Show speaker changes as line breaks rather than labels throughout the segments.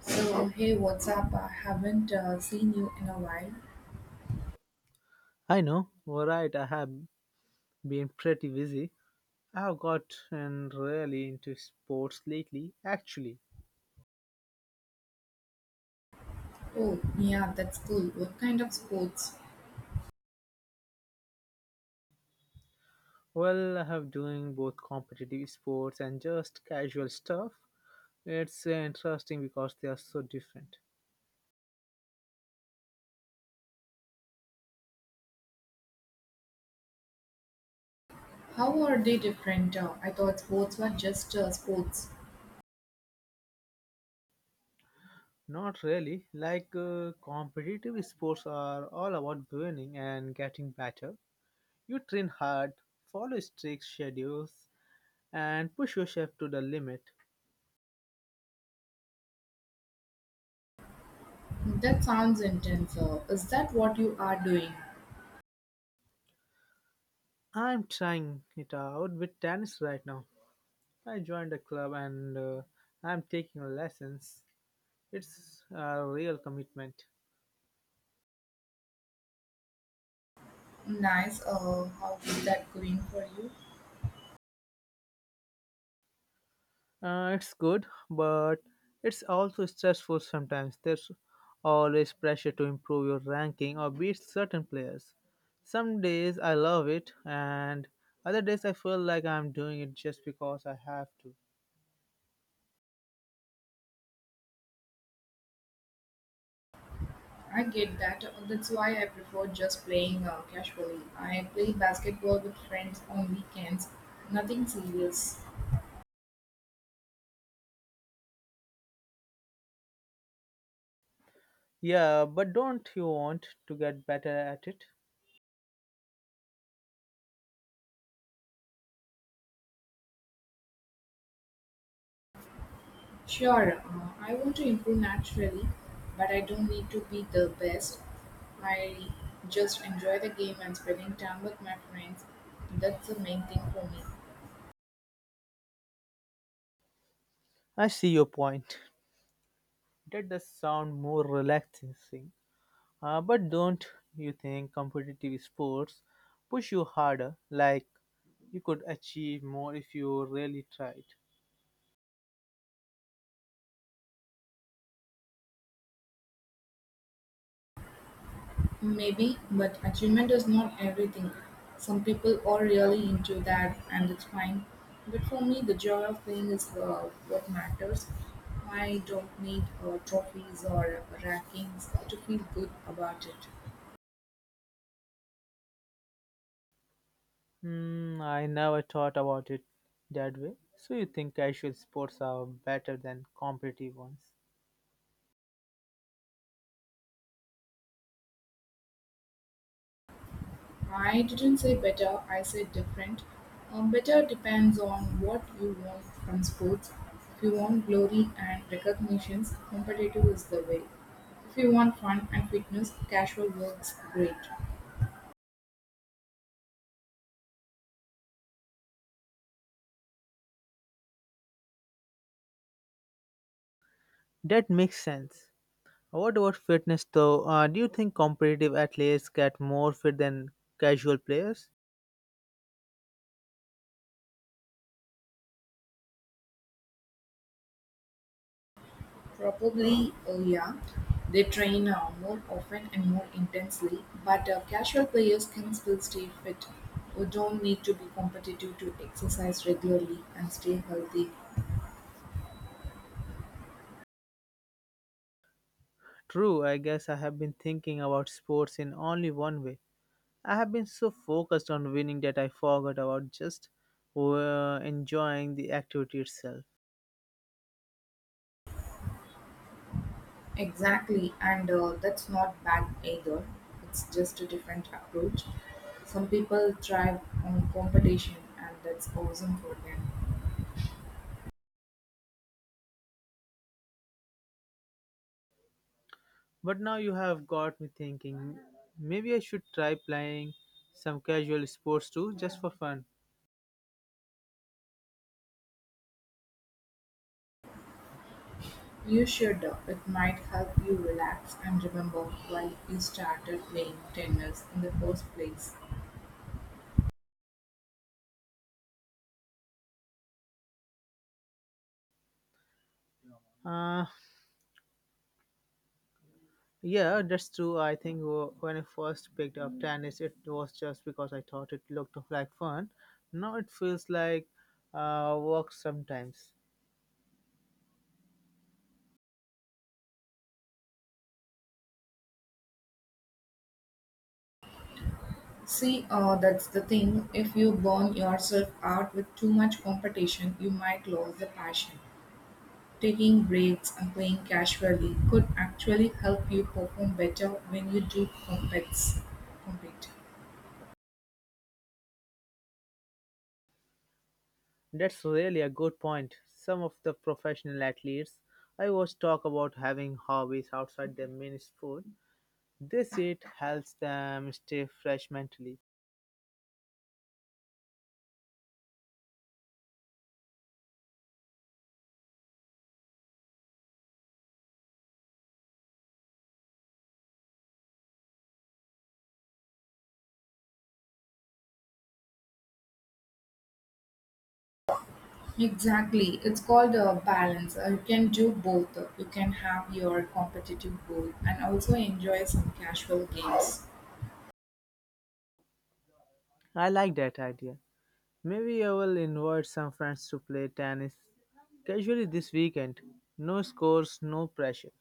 So, hey, what's up? I haven't seen you in a while.
I know, alright, I have been pretty busy. I have gotten really into sports lately, actually.
Oh, yeah, that's cool. What kind of sports?
Well, I have doing both competitive sports and just casual stuff. It's interesting because they are so different.
How are they different? I thought sports were just sports.
Not really. Like competitive sports are all about winning and getting better. You train hard, follow strict schedules, and push yourself to the limit.
That sounds intense. Is that what you are doing?
I'm trying it out with tennis right now. I joined a club and I'm taking lessons. It's a real commitment.
Nice. How is that going for you?
It's good, but it's also stressful sometimes. There's always pressure to improve your ranking or beat certain players. Some days I love it, and other days I feel like I'm doing it just because I have to.
I get that. That's why I prefer just playing casually. I play basketball with friends on weekends. Nothing serious.
Yeah, but don't you want to get better at it?
Sure, I want to improve naturally, but I don't need to be the best. I just enjoy the game and spending time with my friends. That's the main thing for me.
I see your point. That does sound more relaxing. But don't you think competitive sports push you harder? Like you could achieve more if you really tried.
Maybe, but achievement is not everything. Some people are really into that, and it's fine. But for me, the joy of playing is what matters. I don't need trophies or rankings to feel good about it.
Hmm, I never thought about it that way. So you think casual sports are better than competitive ones?
I didn't say better, I said different. Better depends on what you want from sports. If you want glory and recognitions, competitive is the way. If you want fun and fitness, casual works great.
That makes sense. What about fitness though? Do you think competitive athletes get more fit than casual players?
Probably, yeah, they train more often and more intensely, but casual players can still stay fit or don't need to be competitive to exercise regularly and stay healthy.
True, I guess I have been thinking about sports in only one way. I have been so focused on winning that I forgot about just enjoying the activity itself.
Exactly, and that's not bad either. It's just a different approach. Some people thrive on competition, and that's awesome for them.
But now you have got me thinking maybe I should try playing some casual sports too, just for fun.
You should. It might help you relax and remember why you started playing tennis in the first place.
Uh, yeah, that's true. I think when I first picked up tennis, it was just because I thought it looked like fun. Now it feels like work sometimes.
See, that's the thing. If you burn yourself out with too much competition, you might lose the passion. Taking breaks and playing casually could actually help you perform better when you do compete.
That's really a good point. Some of the professional athletes I watch talk about having hobbies outside their main sport. They say it helps them stay fresh mentally.
Exactly. It's called a balance. You can do both. You can have your competitive goal and also enjoy some casual games.
I like that idea. Maybe I will invite some friends to play tennis casually this weekend. No scores, no pressure.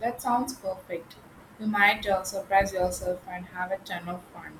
That sounds perfect. You might surprise yourself and have a ton of fun.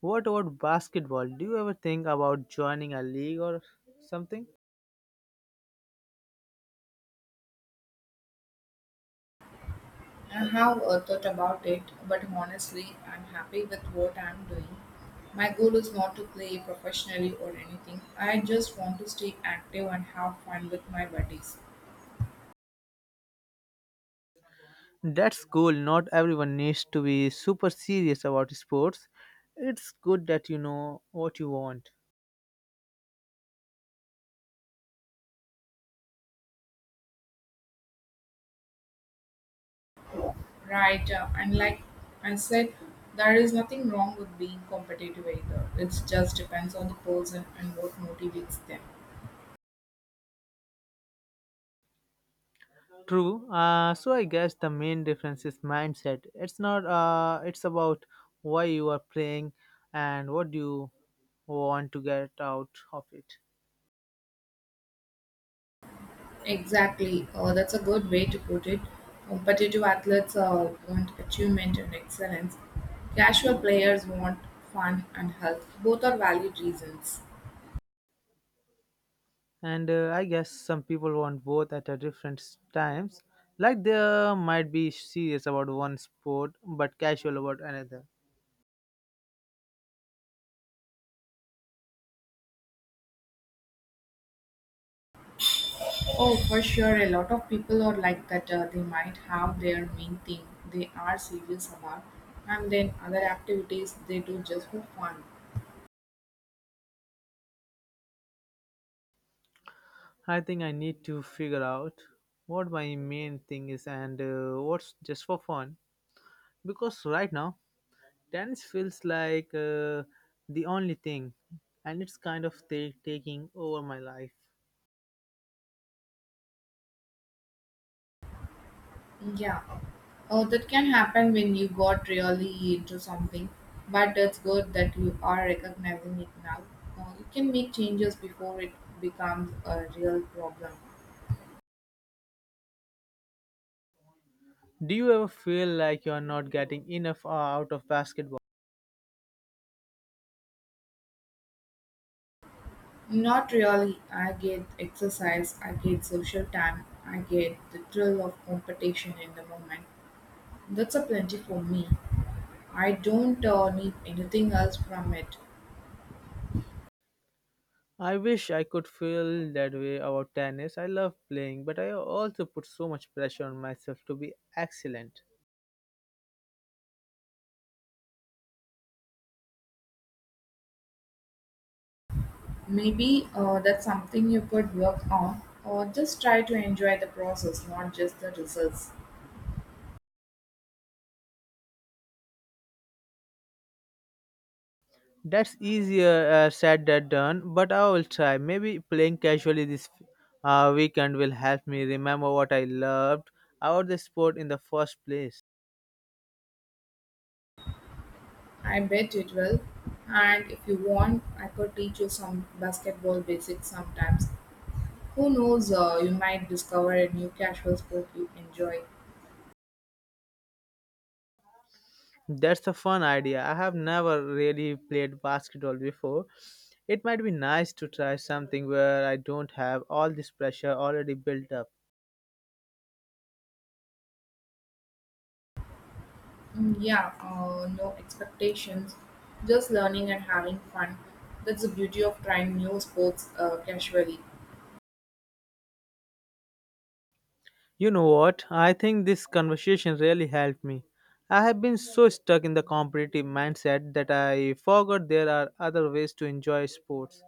What about basketball? Do you ever think about joining a league or something?
I have thought about it, but honestly, I'm happy with what I'm doing. My goal is not to play professionally or anything. I just want to stay active and have fun with my buddies.
That's cool. Not everyone needs to be super serious about sports. It's good that you know what you want.
Right, and like I said, there is nothing wrong with being competitive either. It just depends on the person and what motivates them.
True. So I guess the main difference is mindset. It's not. It's about why you are playing and what do you want to get out of it.
Exactly. That's a good way to put it. Competitive athletes want achievement and excellence. Casual players want fun and health. Both are valid reasons.
And I guess some people want both at a different times. Like they might be serious about one sport but casual about another.
Oh, for sure. A lot of people are like that. They might have their main thing they are serious about, and then other activities they do just for fun.
I think I need to figure out what my main thing is and what's just for fun. Because right now, tennis feels like the only thing, and it's kind of taking over my life.
Yeah, oh, that can happen when you got really into something, but it's good that you are recognizing it now. You can make changes before it becomes a real problem.
Do you ever feel like you're not getting enough out of basketball?
Not really. I get exercise, I get social time, I get the thrill of competition in the moment. That's a plenty for me. I don't need anything else from it.
I wish I could feel that way about tennis. I love playing, but I also put so much pressure on myself to be excellent.
Maybe that's something you could work on, or just try to enjoy the process, not just the results.
That's easier said than done, but I will try. Maybe playing casually this weekend will help me remember what I loved about the sport in the first place.
I bet it will. And if you want, I could teach you some basketball basics sometimes. Who knows, you might discover a new casual sport you enjoy.
That's a fun idea. I have never really played basketball before. It might be nice to try something where I don't have all this pressure already built up.
Mm, yeah, no expectations, just learning and having fun. That's the beauty of trying new sports casually.
You know what? I think this conversation really helped me. I have been so stuck in the competitive mindset that I forgot there are other ways to enjoy sports.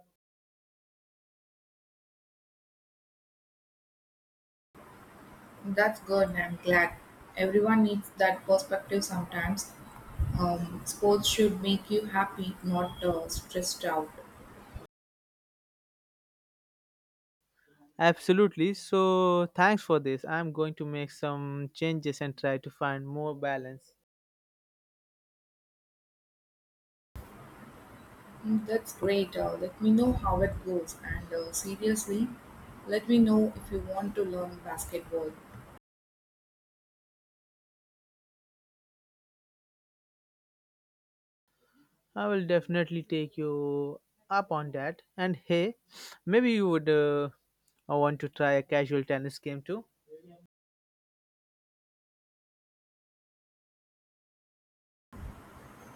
That's good. I'm glad. Everyone needs that perspective sometimes. Sports should make you happy, not stressed out.
Absolutely. So, thanks for this. I'm going to make some changes and try to find more balance.
Mm, that's great. Let me know how it goes. And seriously, let me know if you want to learn basketball.
I will definitely take you up on that. And hey, maybe you would want to try a casual tennis game too.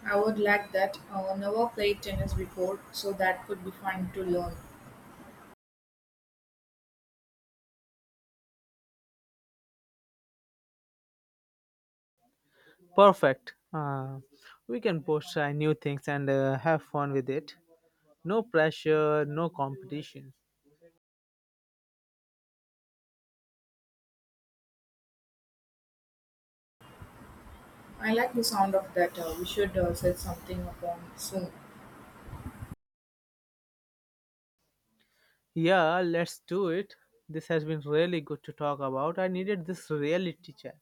I would like that. Never played tennis before, so that could be fun to learn.
Perfect. We can both try new things and have fun with it. No pressure, no competition.
I like the sound of that. We should set something up on soon.
Yeah, let's do it. This has been really good to talk about. I needed this reality check.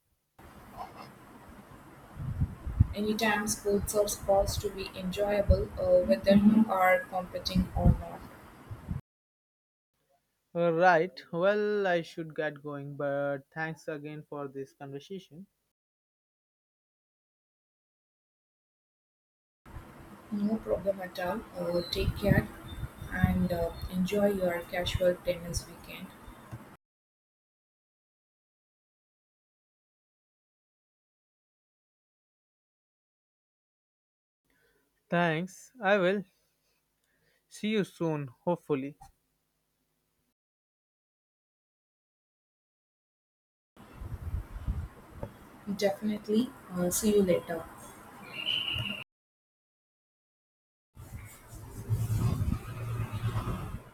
Anytime sports are supposed to be enjoyable, whether you are competing or not.
Right. Well, I should get going, but thanks again for this conversation.
No problem at all. Take care and enjoy your casual tennis weekend.
Thanks. I will see you soon, hopefully.
Definitely. See you later.